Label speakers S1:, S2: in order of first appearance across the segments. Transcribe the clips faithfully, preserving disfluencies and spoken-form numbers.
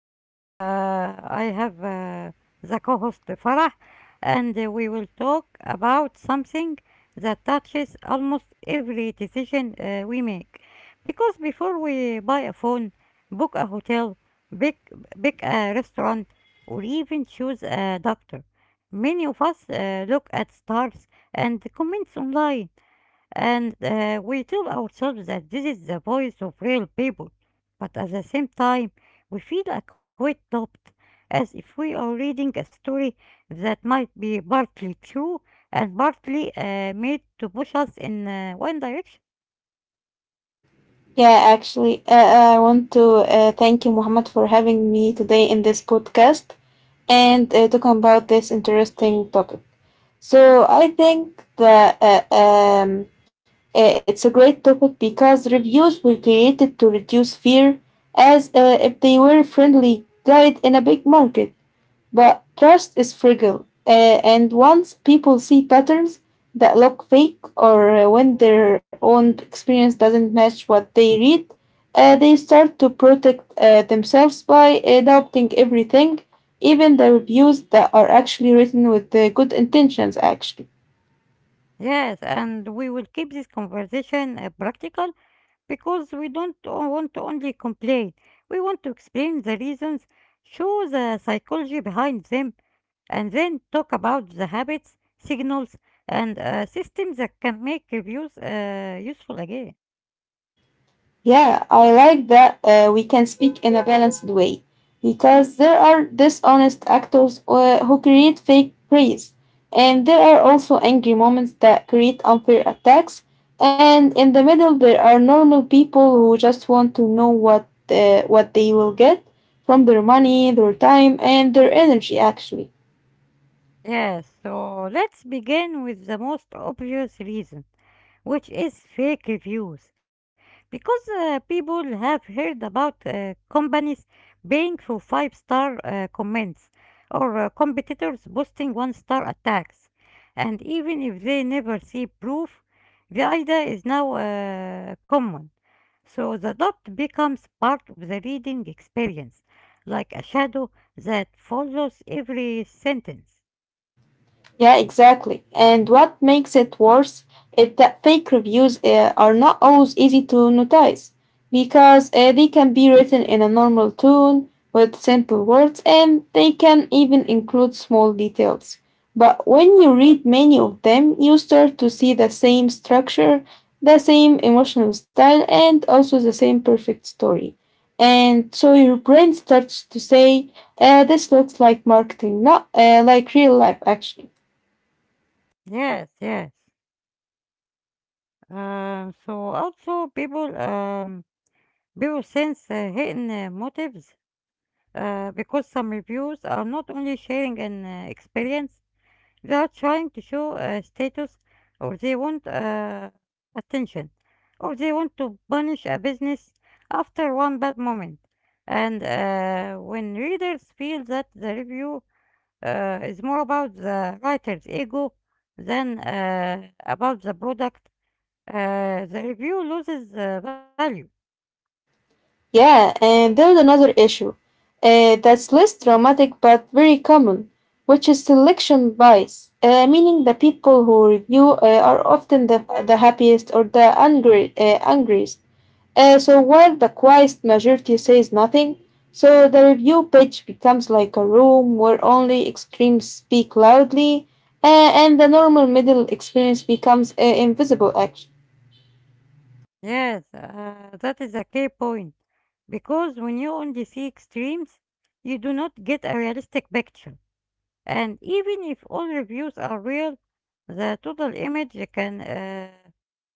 S1: and uh, I have uh, the co host Farah, and uh, we will talk about something that touches almost every decision uh, we make. Because before we buy a phone, book a hotel, pick, pick a restaurant, or even choose a doctor, many of us uh, look at stars and comments online and uh, we tell ourselves that this is the voice of real people, but at the same time, we feel a quite doubt, as if we are reading a story that might be partly true and partly uh, made to push us in uh, one direction.
S2: Yeah, actually, uh, uh, I want to uh, thank you, Muhammad, for having me today in this podcast and uh, talking about this interesting topic. So I think that uh, um, uh, it's a great topic because reviews were created to reduce fear, as uh, if they were friendly guide in a big market. But trust is fragile, uh, and once people see patterns that look fake or uh, when their own experience doesn't match what they read, uh, they start to protect uh, themselves by adopting everything, even the reviews that are actually written with uh, good intentions, actually.
S1: Yes, and we will keep this conversation uh, practical because we don't o- want to only complain. We want to explain the reasons, show the psychology behind them, and then talk about the habits, signals, and uh, systems that can make reviews uh, useful again.
S2: Yeah, I like that uh, we can speak in a balanced way because there are dishonest actors uh, who create fake praise, and there are also angry moments that create unfair attacks, and in the middle there are normal people who just want to know what uh, what they will get from their money, their time, and their energy actually.
S1: Yes, so let's begin with the most obvious reason, which is fake reviews. Because uh, people have heard about uh, companies paying for five star uh, comments or uh, competitors boasting one star attacks. And even if they never see proof, the idea is now uh, common. So the dot becomes part of the reading experience, like a shadow that follows every sentence.
S2: Yeah, exactly. And what makes it worse is that fake reviews uh, are not always easy to notice because uh, they can be written in a normal tone with simple words and they can even include small details. But when you read many of them, you start to see the same structure, the same emotional style, and also the same perfect story. And so your brain starts to say, uh, this looks like marketing, not uh, like real life, actually.
S1: Yes, yes. Um, so also people um, people sense uh, hidden uh, motives uh, because some reviews are not only sharing an uh, experience. They are trying to show uh, status or they want uh, attention or they want to punish a business after one bad moment. And uh, when readers feel that the review uh, is more about the writer's ego than uh, about the product, uh, the review loses uh, value.
S2: Yeah, and there's another issue uh, that's less dramatic but very common, which is selection bias, uh, meaning the people who review uh, are often the, the happiest or the angry, uh, angriest. Uh, so while the quiet majority says nothing, so the review page becomes like a room where only extremes speak loudly, uh, and the normal middle experience becomes uh, invisible action.
S1: Yes, uh, that is a key point because when you only see extremes, you do not get a realistic picture. And even if all reviews are real, the total image can uh,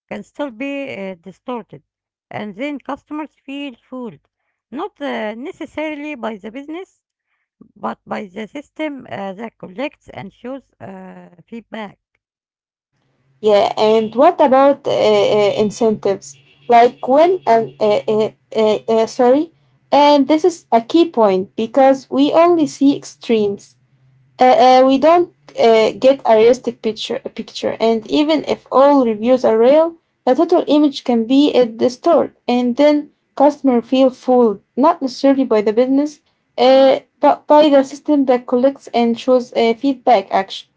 S1: can still be uh, distorted, and then customers feel fooled, not uh, necessarily by the business, but by the system uh, that collects and shows uh, feedback.
S2: Yeah, and what about uh, uh, incentives? Like when and uh, uh, uh, uh, sorry, and this is a key point because we only see extremes. Uh, uh, we don't uh, get a realistic picture. Picture, and even if all reviews are real, the total image can be uh, distorted, and then customer feel fooled, not necessarily by the business, uh, but by the system that collects and shows uh, feedback. Action.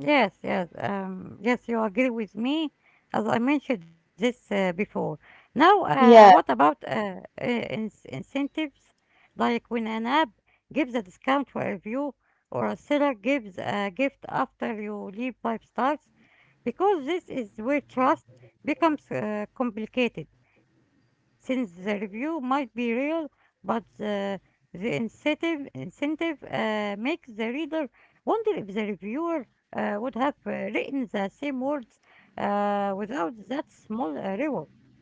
S1: Yes, yes, um, yes, you agree with me, as I mentioned this uh, before. Now, uh, what
S2: Yeah,
S1: about uh, uh, ins- incentives? Like when an app gives a discount for a review, or a seller gives a gift after you leave five stars, because this is where trust becomes uh, complicated, since the review might be real, but the, the incentive, incentive uh, makes the reader wonder if the reviewer uh, would have uh, written the same words uh, without that small uh, reward.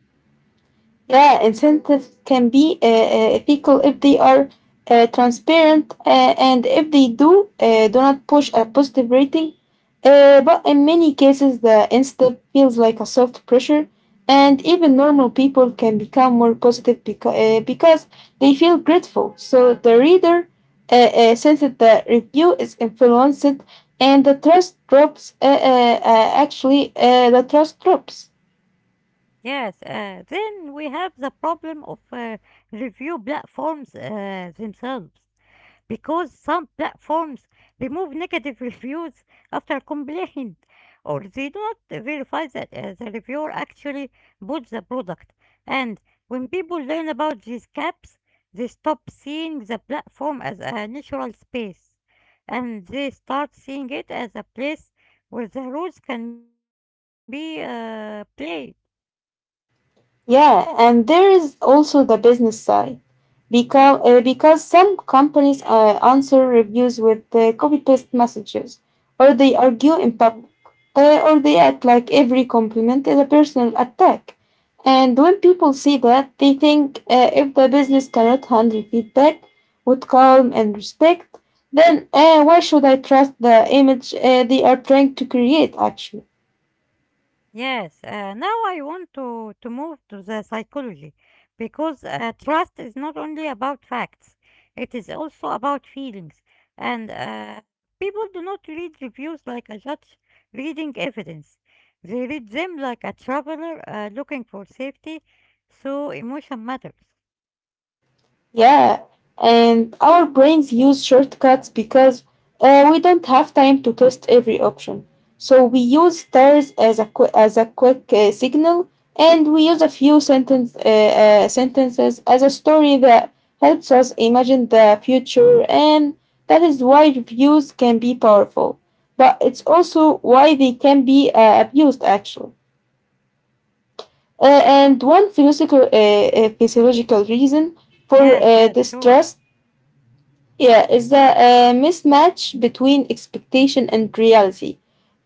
S2: yeah, incentives can be uh, uh, ethical if they are uh, transparent uh, and if they do uh, do not push a positive rating. Uh, but in many cases, the incentive feels like a soft pressure, and even normal people can become more positive beca- uh, because they feel grateful. So the reader uh, uh, senses the review is influenced, and the trust drops. Uh, uh, uh, actually, uh, the trust drops.
S1: Yes, uh, then we have the problem of uh, review platforms uh, themselves. Because some platforms remove negative reviews after complaint, or they do not verify that uh, the reviewer actually bought the product. And when people learn about these caps, they stop seeing the platform as a natural space and they start seeing it as a place where the rules can be uh, played.
S2: Yeah, and there is also the business side because uh, because some companies uh, answer reviews with uh, copy paste messages, or they argue in public, uh, or they act like every compliment is a personal attack. And when people see that, they think uh, if the business cannot handle feedback with calm and respect, then uh, why should I trust the image uh, they are trying to create? Actually.
S1: Yes, uh, now I want to, to move to the psychology because uh, trust is not only about facts, it is also about feelings. And uh, people do not read reviews like a judge reading evidence, they read them like a traveler uh, looking for safety, so emotion matters.
S2: Yeah, and our brains use shortcuts because uh, we don't have time to test every option. So we use stars as a qu- as a quick uh, signal, and we use a few sentence uh, uh, sentences as a story that helps us imagine the future, and that is why reviews can be powerful. But it's also why they can be uh, abused, actually. Uh, and one
S1: Yes,
S2: philosophical, uh,
S1: yes, sure.
S2: uh, physiological reason for uh, distrust yeah, it's a uh, mismatch between expectation and reality.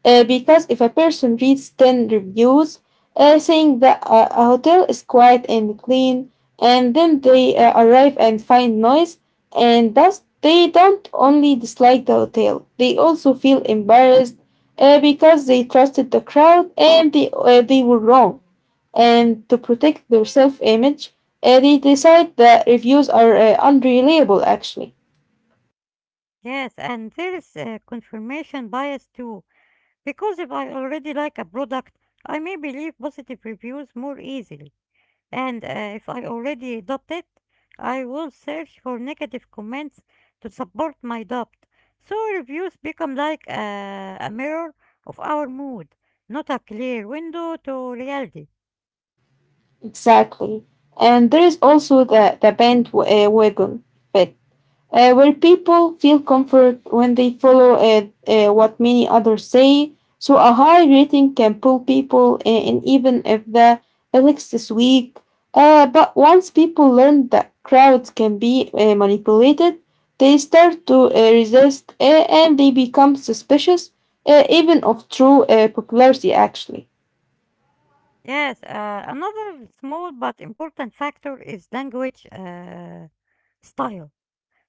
S2: Uh, because if a person reads ten reviews uh, saying that uh, a hotel is quiet and clean, and then they uh, arrive and find noise and thus they don't only dislike the hotel, they also feel embarrassed uh, because they trusted the crowd and they, uh, they were wrong. And to protect their self image, uh, they decide that reviews are uh, unreliable actually.
S1: Yes, and there is a confirmation bias too because if I already like a product, I may believe positive reviews more easily. And uh, if I already adopt it, I will search for negative comments to support my adopt. So reviews become like uh, a mirror of our mood, not a clear window to reality.
S2: Exactly. And there is also the, the bandwagon effect, uh, where people feel comfort when they follow uh, uh, what many others say. So a high rating can pull people in, in even if the lyrics is weak. Uh, but once people learn that crowds can be uh, manipulated, they start to uh, resist uh, and they become suspicious, uh, even of true uh, popularity, actually.
S1: Yes, uh, another small but important factor is language uh, style.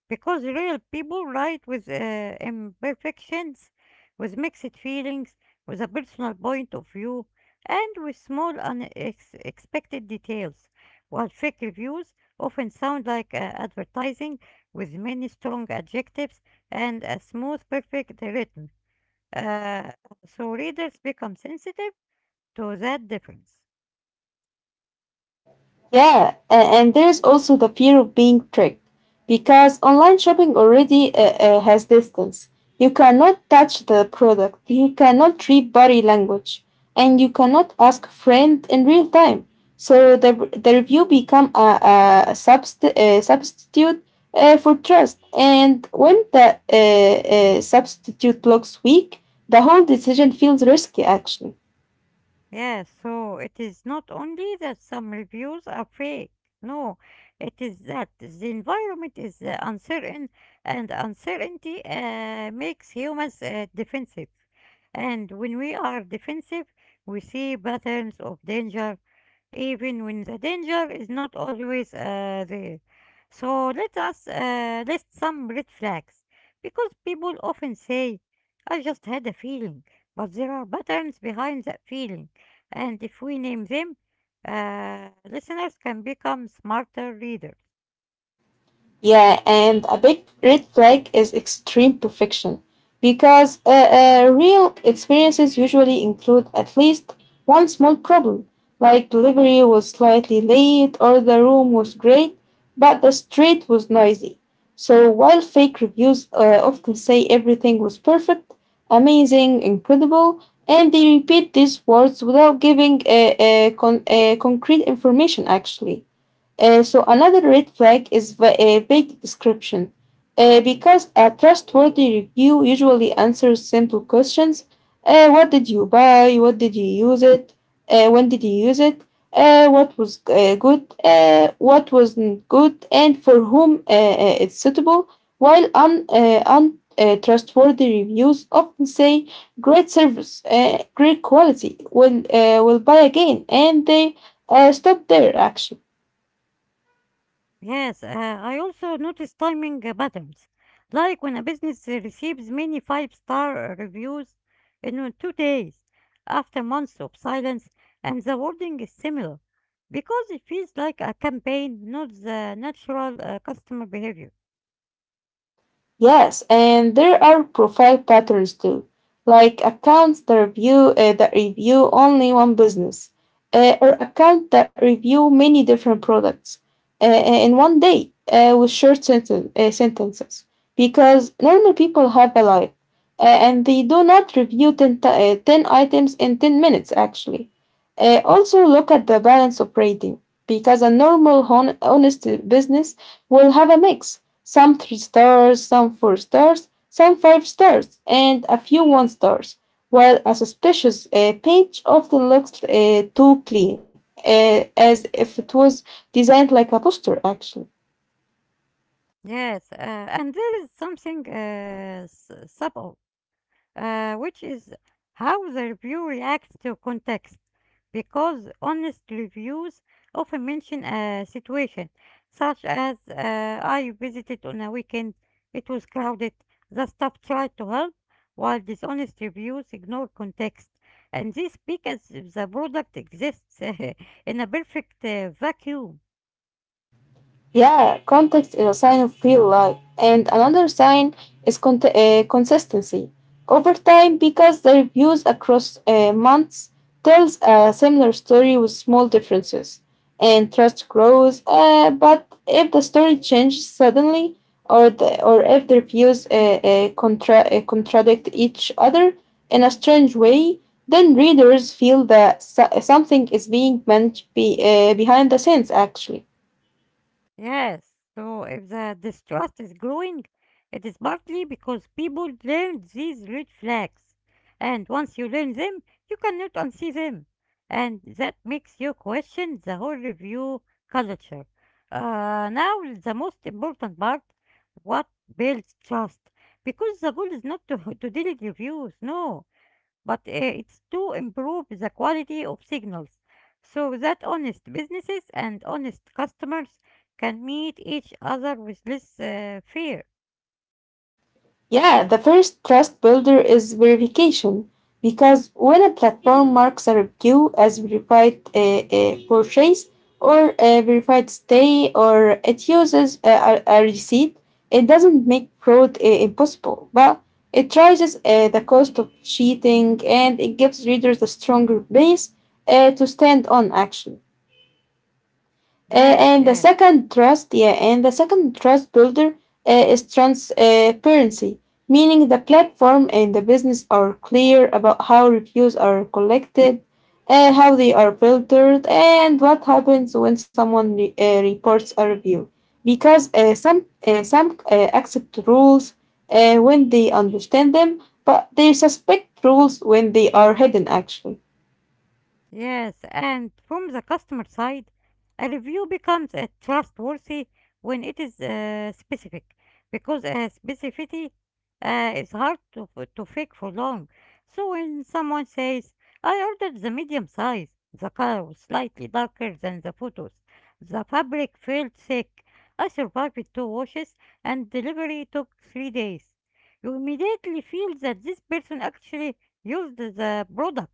S1: Because real people write with uh, imperfections, with mixed feelings, with a personal point of view, and with small unexpected details, while fake reviews often sound like uh, advertising with many strong adjectives and a smooth, perfect written. Uh, so readers become sensitive to that difference.
S2: Yeah, a- and there's also the fear of being tricked because online shopping already uh, uh, has distance. You cannot touch the product, you cannot read body language, and you cannot ask friend in real time. So the, the review become a, a, subst- a substitute uh, for trust. And when the uh, uh, substitute looks weak, the whole decision feels risky actually.
S1: Yes, so it is not only that some reviews are fake. No, it is that the environment is uh, uncertain, and uncertainty uh, makes humans uh, defensive. And when we are defensive, we see patterns of danger, even when the danger is not always uh, there. So let us uh, list some red flags, because people often say, "I just had a feeling," but there are patterns behind that feeling and if we name them, uh, listeners can become smarter readers.
S2: Yeah, and a big red flag is extreme perfection because uh, uh, real experiences usually include at least one small problem, like delivery was slightly late or the room was great, but the street was noisy. So while fake reviews uh, often say everything was perfect, amazing, incredible, and they repeat these words without giving uh, uh, con- uh, concrete information actually. Uh, so another red flag is the uh, vague description. Uh, because a trustworthy review usually answers simple questions. Uh, what did you buy? What did you use it? Uh, when did you use it? Uh, what was uh, good? Uh, what wasn't good? And for whom uh, uh, it's suitable? While un, uh, un, uh, trustworthy reviews often say great service, uh, great quality, will uh, will buy again, and they uh, stop there actually.
S1: Yes, uh, I also notice timing uh, patterns. Like when a business uh, receives many five star reviews in uh, two days after months of silence, and the wording is similar because it feels like a campaign, not the natural uh, customer behavior.
S2: Yes, and there are profile patterns too, like accounts that review uh, that review only one business, uh, or accounts that review many different products uh, in one day uh, with short senten- uh, sentences. Because normal people have a life, uh, and they do not review ten, ti- uh, ten items in ten minutes. Actually, Uh, also look at the balance of rating, because a normal hon- honest business will have a mix some three stars, some four stars, some five stars, and a few one stars, while a suspicious uh, page often looks uh, too clean, uh, as if it was designed like a poster, actually.
S1: Yes, uh, and there is something uh, s- subtle uh, which is how the review reacts to context. Because honest reviews often mention a situation, such as uh, I visited on a weekend, it was crowded, the staff tried to help, while dishonest reviews ignore context. And they speak as if the product exists in a perfect uh, vacuum.
S2: Yeah, context is a sign of real life. And another sign is con- uh, consistency. Over time, because the reviews across uh, months tells a similar story with small differences, and trust grows. Uh, but if the story changes suddenly, or the, or if the reviews uh, uh, contra- uh, contradict each other in a strange way, then readers feel that so- something is being meant be, uh, behind the scenes actually.
S1: Yes, so if the distrust is growing, it is partly because people learn these red flags. And once you learn them, you cannot unsee them. And that makes you question the whole review culture. Uh, now, the most important part, what builds trust? Because the goal is not to, to delete reviews, no but uh, it's to improve the quality of signals so that honest businesses and honest customers can meet each other with less uh, fear.
S2: Yeah, the first trust builder is verification because when a platform marks a review as verified uh, uh, purchase or a verified stay or it uses a, a, a receipt, it doesn't make fraud uh, impossible, but it rises uh, the cost of cheating and it gives readers a stronger base uh, to stand on actually.
S1: Yes,
S2: Uh, and
S1: yes.
S2: the second trust, yeah, and the second trust builder uh, is transparency, meaning the platform and the business are clear about how reviews are collected, uh, how they are filtered, and what happens when someone re- uh, reports a review. Because uh, some uh, some uh, accept rules uh, when they understand them, but they suspect rules when they are hidden. Actually.
S1: Yes, and from the customer side, a review becomes a trustworthy when it is uh, specific, because uh, specificity uh, is hard to, f- to fake for long. So when someone says, I ordered the medium size, the color was slightly darker than the photos, the fabric felt thick, I survived with two washes, and delivery took three days. You immediately feel that this person actually used the product.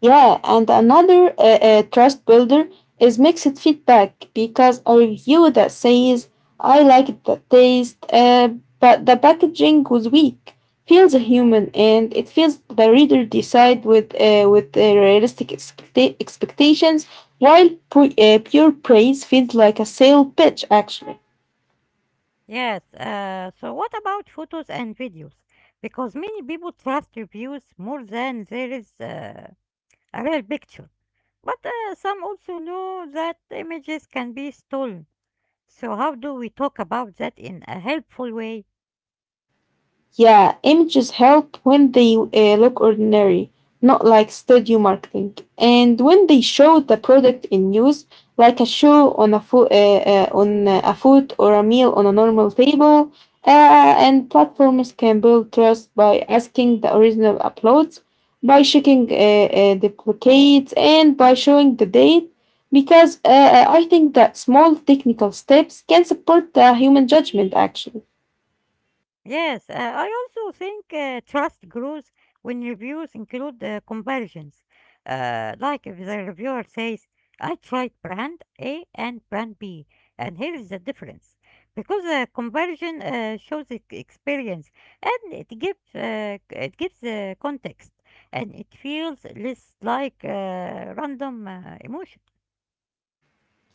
S2: Yeah, and another uh, uh, trust builder is mixed feedback because a review that says, I liked the taste, uh, but the packaging was weak, feels human and it feels the reader decide with, uh, with uh, realistic expecta- expectations, while pu- uh, pure praise feels like a sale pitch actually.
S1: Yes, uh, so what about photos and videos? Because many people trust reviews more than there is uh, a real picture. But uh, some also know that images can be stolen. So, how do we talk about that in a helpful way?
S2: Yeah, images help when they uh, look ordinary, not like studio marketing. And when they show the product in use, like a show on a food, uh, uh, on a food or a meal on a normal table, uh, and platforms can build trust by asking the original uploads, by checking uh, uh, duplicates, and by showing the date. Because uh, I think that small technical steps can support the human judgment actually.
S1: Yes, uh, I also think uh, trust grows when reviews include uh, comparisons. Uh, like if the reviewer says, I tried brand A and brand B, and here is the difference. Because the comparison uh, shows ex- experience and it gives, uh, c- it gives uh, context and it feels less like uh, random uh, emotion.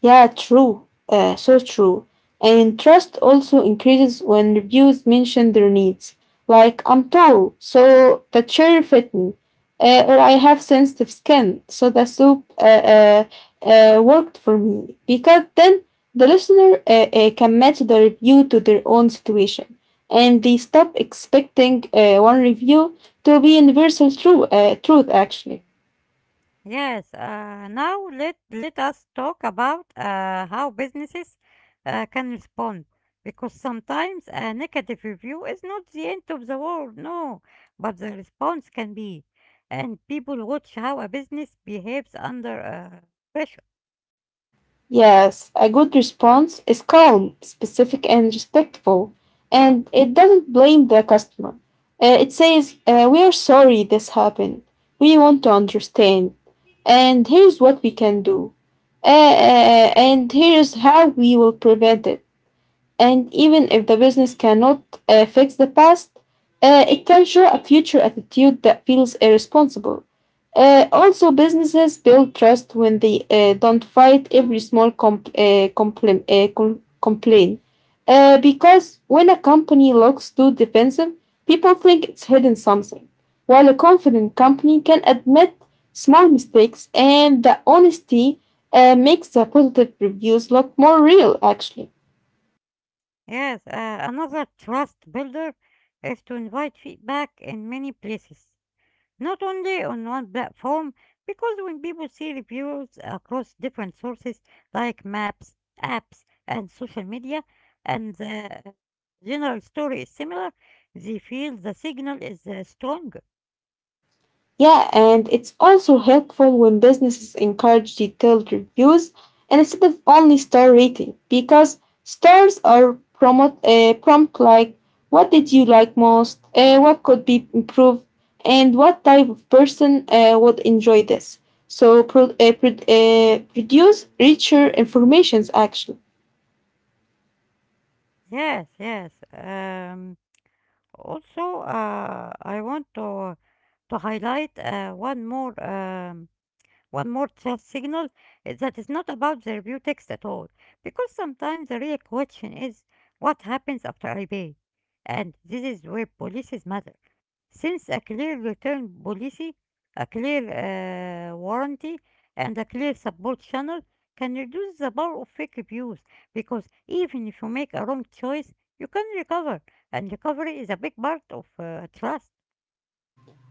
S2: Yeah, true. Uh, so true. And trust also increases when reviews mention their needs. Like, I'm tall, so the chair fit me. Uh, or I have sensitive skin, so the soup uh, uh, uh, worked for me. Because then the listener uh, uh, can match the review to their own situation. And they stop expecting uh, one review to be universal true, uh, truth, actually.
S1: Yes, uh, now let let us talk about uh, how businesses uh, can respond because sometimes a negative review is not the end of the world, no, but the response can be, and people watch how a business behaves under uh, pressure.
S2: Yes, a good response is calm, specific, and respectful, and it doesn't blame the customer. Uh, it says, uh, We are sorry this happened. We want to understand. And here's what we can do. Uh, uh, uh, and here's how we will prevent it. And even if the business cannot uh, fix the past, uh, it can show a future attitude that feels irresponsible. Uh, also, businesses build trust when they uh, don't fight every small comp- uh, complim- uh, com- complaint. Uh, because when a company looks too defensive, people think it's hidden something, while a confident company can admit small mistakes and the honesty uh, makes the positive reviews look more real actually.
S1: Yes, uh, another trust builder is to invite feedback in many places, not only on one platform, because when people see reviews across different sources like maps, apps, and social media, and the general story is similar, they feel the signal is uh, stronger.
S2: Yeah, and it's also helpful when businesses encourage detailed reviews instead of only star rating, because stars are prompt. uh, prompt like what did you like most, uh, what could be improved, and what type of person uh, would enjoy this. So pro- uh, pro- uh, produce richer informations actually.
S1: Yes, yes. Um, also, uh, I want to to highlight uh, one more um, one more tough signal is that it's not about the review text at all, because sometimes the real question is what happens after I pay? And this is where policies matter. Since a clear return policy, a clear uh, warranty, and a clear support channel can reduce the power of fake reviews, because even if you make a wrong choice, you can recover, and recovery is a big part of uh, trust.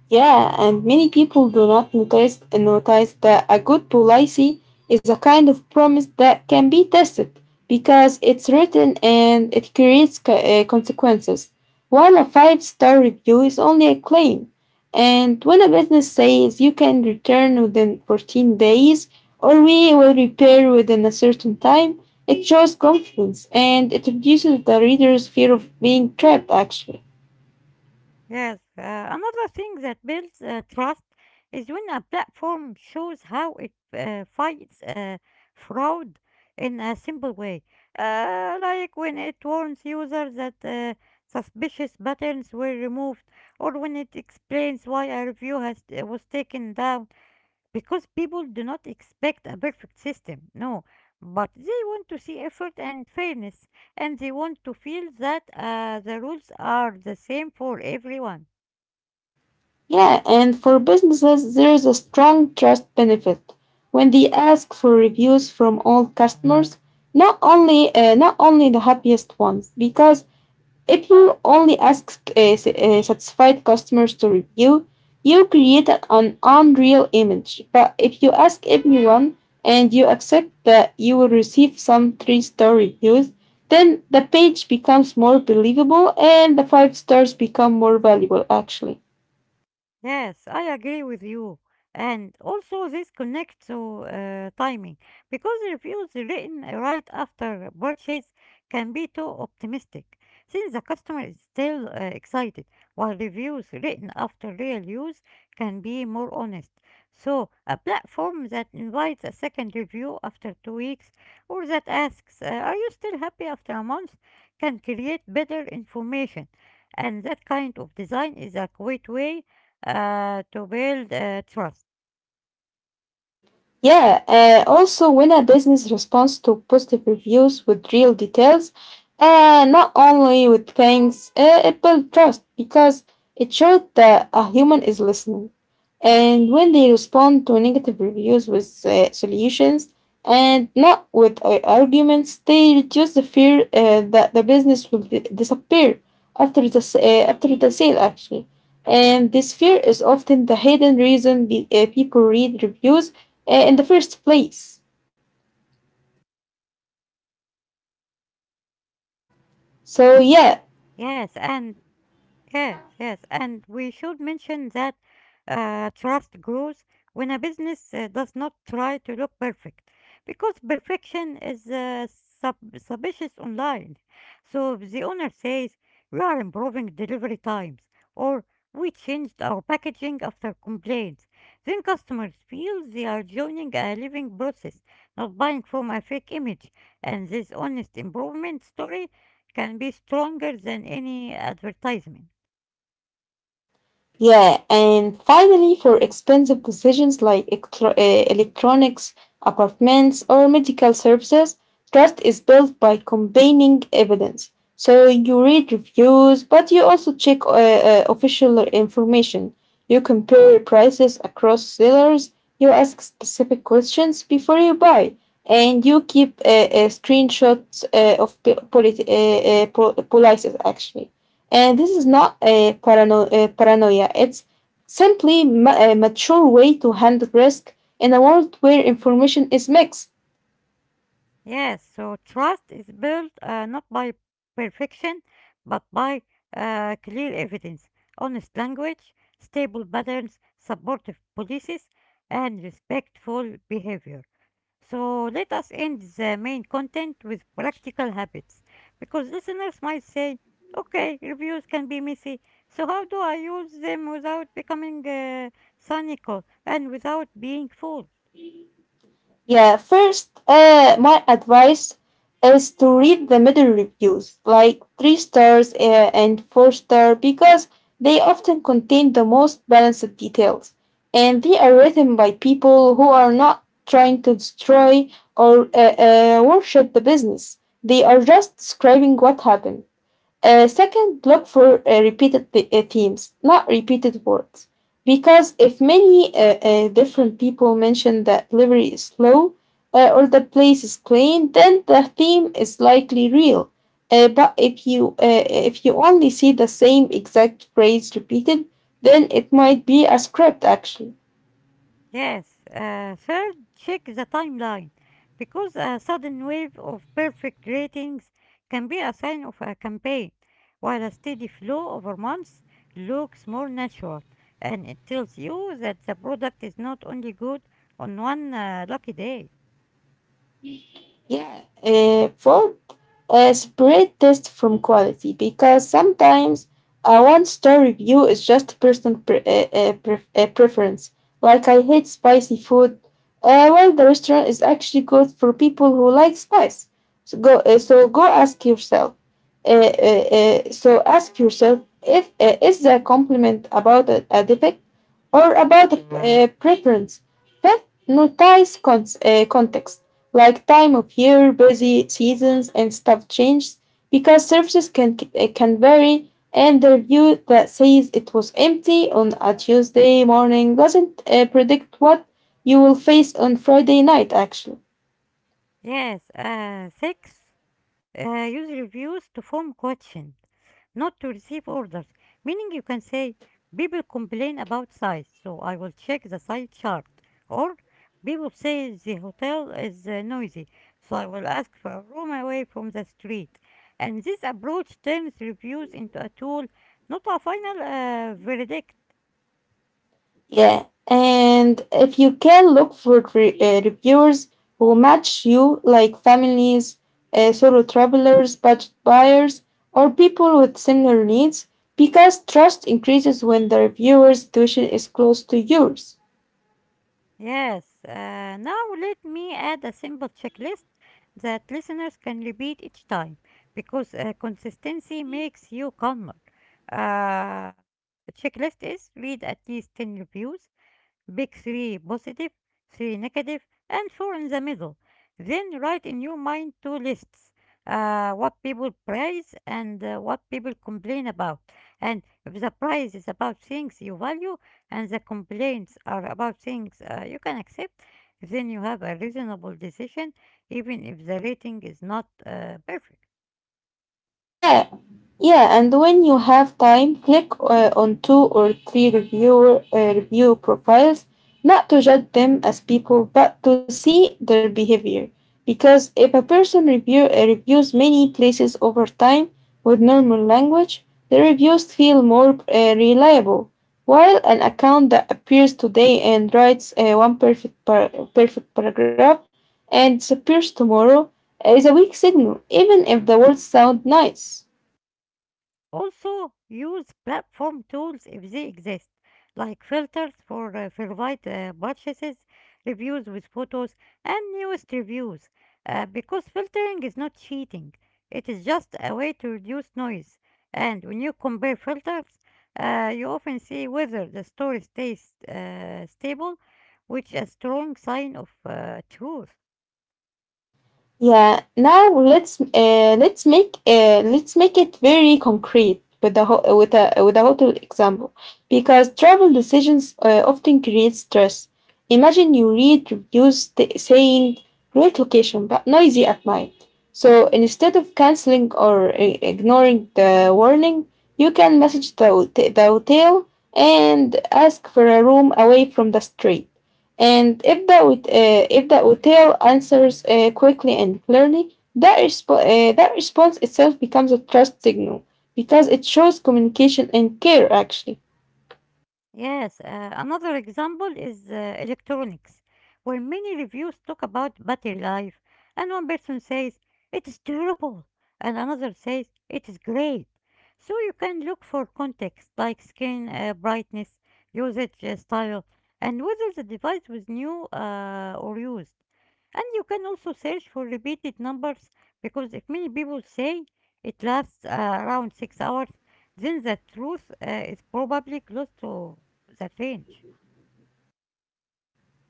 S2: Yeah, and many people do not notice notice that a good policy is a kind of promise that can be tested because it's written and it creates co- uh, consequences. While a five star review is only a claim, and when a business says you can return within fourteen days or we will repair within a certain time, it shows confidence and it reduces the reader's fear of being trapped actually.
S1: Yes, uh, another thing that builds uh, trust is when a platform shows how it uh, fights uh, fraud in a simple way. Uh, like when it warns users that uh, suspicious patterns were removed, or when it explains why a review has uh, was taken down. Because people do not expect a perfect system, no, but they want to see effort and fairness, and they want to feel that uh, the rules are the same for everyone.
S2: Yeah, and for businesses, there is a strong trust benefit. When they ask for reviews from all customers, not only uh, not only the happiest ones, because if you only ask uh, s- uh, satisfied customers to review, you create an unreal image. But if you ask everyone and you accept that you will receive some three-star reviews, then the page becomes more believable and the five stars become more valuable actually.
S1: Yes, I agree with you. And also, this connects to uh, timing because reviews written right after purchase can be too optimistic since the customer is still uh, excited, while reviews written after real use can be more honest. So, a platform that invites a second review after two weeks or that asks, uh, are you still happy after a month? Can create better information. And that kind of design is a great way uh, to build uh, trust.
S2: Yeah, uh, Also when a business responds to positive reviews with real details, uh, not only with thanks, uh, it builds trust because it shows that a human is listening. And when they respond to negative reviews with uh, solutions and not with uh, arguments, they reduce the fear uh, that the business will di- disappear after the, s- uh, after the sale, actually. And this fear is often the hidden reason be- uh, people read reviews uh, in the first place. So, yeah,
S1: Yes, and Yes, yes, and we should mention that uh, trust grows when a business uh, does not try to look perfect, because perfection is uh, sub- suspicious online. So if the owner says, "We are improving delivery times," or "We changed our packaging after complaints," then customers feel they are joining a living process, not buying from a fake image, and this honest improvement story can be stronger than any advertisement.
S2: Yeah, and finally, for expensive decisions like electro- uh, electronics, apartments, or medical services, trust is built by combining evidence. So you read reviews, but you also check uh, uh, official information. You compare prices across sellers. You ask specific questions before you buy, and you keep uh, uh, screenshots uh, of p- politi- uh, uh, pol- policies actually. And this is not a parano- uh, paranoia, it's simply ma- a mature way to handle risk in a world where information is mixed.
S1: Yes, so trust is built uh, not by perfection, but by uh, clear evidence, honest language, stable patterns, supportive policies, and respectful behavior. So let us end the main content with practical habits, because listeners might say, okay, reviews can be messy, so how do I use them without becoming uh, cynical and without being full?
S2: Yeah, first, uh, my advice is to read the middle reviews, like three stars uh, and four star, because they often contain the most balanced details, and they are written by people who are not trying to destroy or uh, uh, worship the business. They are just describing what happened. Uh, second, look for uh, repeated th- uh, themes, not repeated words. Because if many uh, uh, different people mention that delivery is slow uh, or the place is clean, then the theme is likely real. Uh, but if you uh, if you only see the same exact phrase repeated, then it might be a script actually.
S1: Yes, uh, third, check the timeline because a sudden wave of perfect ratings can be a sign of a campaign, while a steady flow over months looks more natural and it tells you that the product is not only good on one uh, lucky day.
S2: Yeah, uh, for uh, Separate taste from quality because sometimes a one star review is just personal pre- uh, uh, pref- uh, preference. Like I hate spicy food, uh, well the restaurant is actually good for people who like spice. So go, uh, so go ask yourself. Uh, uh, uh, so ask yourself if uh, is the compliment about a, a defect or about uh, preference. Fifth, notice con- uh, context, like time of year, busy seasons, and stuff changes because services can, uh, can vary. And the review that says it was empty on a Tuesday morning doesn't uh, predict what you will face on Friday night, actually.
S1: Yes, uh, six, uh, use reviews to form questions not to receive orders, meaning you can say, people complain about size, so I will check the size chart. Or people say the hotel is uh, noisy, so I will ask for a room away from the street. And this approach turns reviews into a tool, not a final uh, verdict.
S2: Yeah, and if you can look for re- uh, reviewers who match you, like families, uh, solo travelers, budget buyers, or people with similar needs, because trust increases when the reviewer's situation is close to yours.
S1: Yes, uh, now let me add a simple checklist that listeners can repeat each time because uh, consistency makes you calmer. Uh, Checklist is read at least ten reviews. Pick three positive, three negative, and four in the middle. Then write in your mind two lists, uh, what people praise and uh, what people complain about. And if the praise is about things you value and the complaints are about things uh, you can accept, then you have a reasonable decision, even if the rating is not uh, perfect.
S2: Yeah, yeah, and when you have time, click uh, on two or three reviewer uh, review profiles, not to judge them as people, but to see their behavior. Because if a person review uh, reviews many places over time with normal language, the reviews feel more uh, reliable. While an account that appears today and writes uh, one perfect par- perfect paragraph and disappears tomorrow is a weak signal, even if the words sound nice.
S1: Also, use platform tools if they exist, like filters for uh, verified uh, purchases, reviews with photos, and newest reviews. Uh, because filtering is not cheating, it is just a way to reduce noise. And when you compare filters, uh, you often see whether the story stays uh, stable, which is a strong sign of uh, truth.
S2: Yeah. Now let's uh, let's make uh, let's make it very concrete with the ho- with a with a hotel example, because travel decisions uh, often create stress. Imagine you read reviews t- saying great location but noisy at night. So instead of canceling or i- ignoring the warning, you can message the hot- the hotel and ask for a room away from the street. And if the hot- uh, if the hotel answers uh, quickly and clearly, that, resp- uh, that response itself becomes a trust signal because it shows communication and care actually.
S1: Yes, uh, another example is uh, electronics, where many reviews talk about battery life, and one person says it is terrible, and another says it is great. So you can look for context like screen uh, brightness, usage uh, style, and whether the device was new uh, or used. And you can also search for repeated numbers because if many people say it lasts uh, around six hours, then the truth uh, is probably close to the range.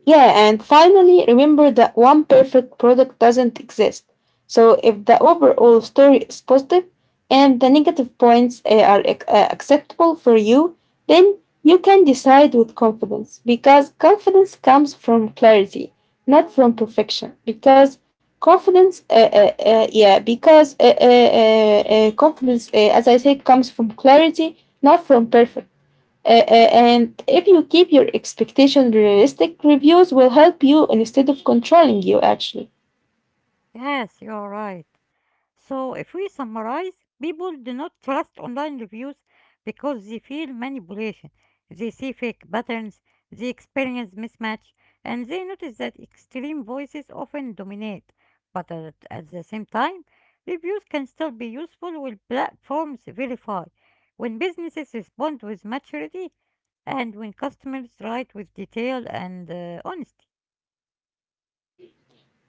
S2: Yeah, and finally, remember that one perfect product doesn't exist. So, if the overall story is positive and the negative points uh, are ac- uh, acceptable for you, then you can decide with confidence because confidence comes from clarity, not from perfection. Because confidence, uh, uh, uh, yeah, because uh, uh, uh, uh, Confidence, uh, as I said, comes from clarity, not from perfection. Uh, uh, and if you keep your expectations realistic, reviews will help you instead of controlling you, actually.
S1: Yes, you're right. So, if we summarize, people do not trust online reviews because they feel manipulation. They see fake patterns, they experience mismatch, and they notice that extreme voices often dominate. But at, at the same time, reviews can still be useful when platforms verify. When businesses respond with maturity, and when customers write with detail and uh, honesty.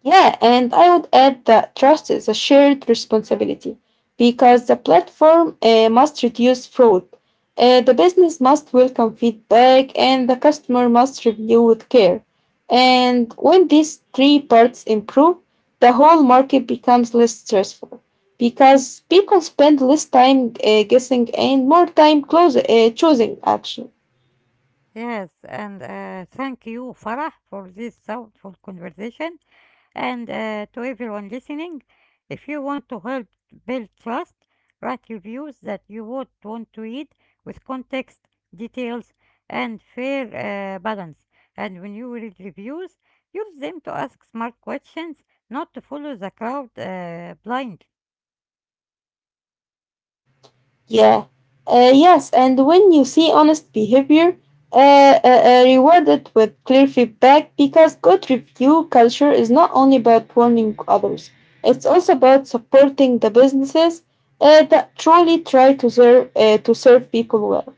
S2: Yeah, and I would add that trust is a shared responsibility because the platform uh, must reduce fraud, uh, the business must welcome feedback, and the customer must review with care. And when these three parts improve, the whole market becomes less stressful because people spend less time uh, guessing and more time close, uh, choosing action.
S1: Yes, and uh, thank you, Farah, for this thoughtful conversation. And uh, to everyone listening, if you want to help build trust, write reviews that you would want to read with context, details, and fair uh, balance. And when you read reviews, use them to ask smart questions, not to follow the crowd uh, blindly.
S2: Yeah. Uh, yes, and when you see honest behavior, uh, uh, uh, reward with clear feedback because good review culture is not only about warning others, it's also about supporting the businesses uh, that truly try to serve, uh, to serve people well.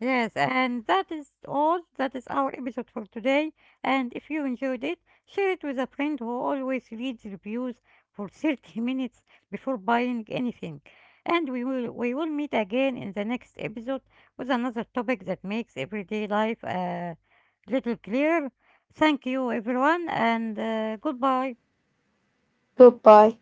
S1: Yes, and that is all. That is our episode for today. And if you enjoyed it, share it with a friend who always reads reviews for thirty minutes before buying anything. And we will we will meet again in the next episode with another topic that makes everyday life a little clearer. Thank you, everyone, and uh, goodbye.
S2: Goodbye.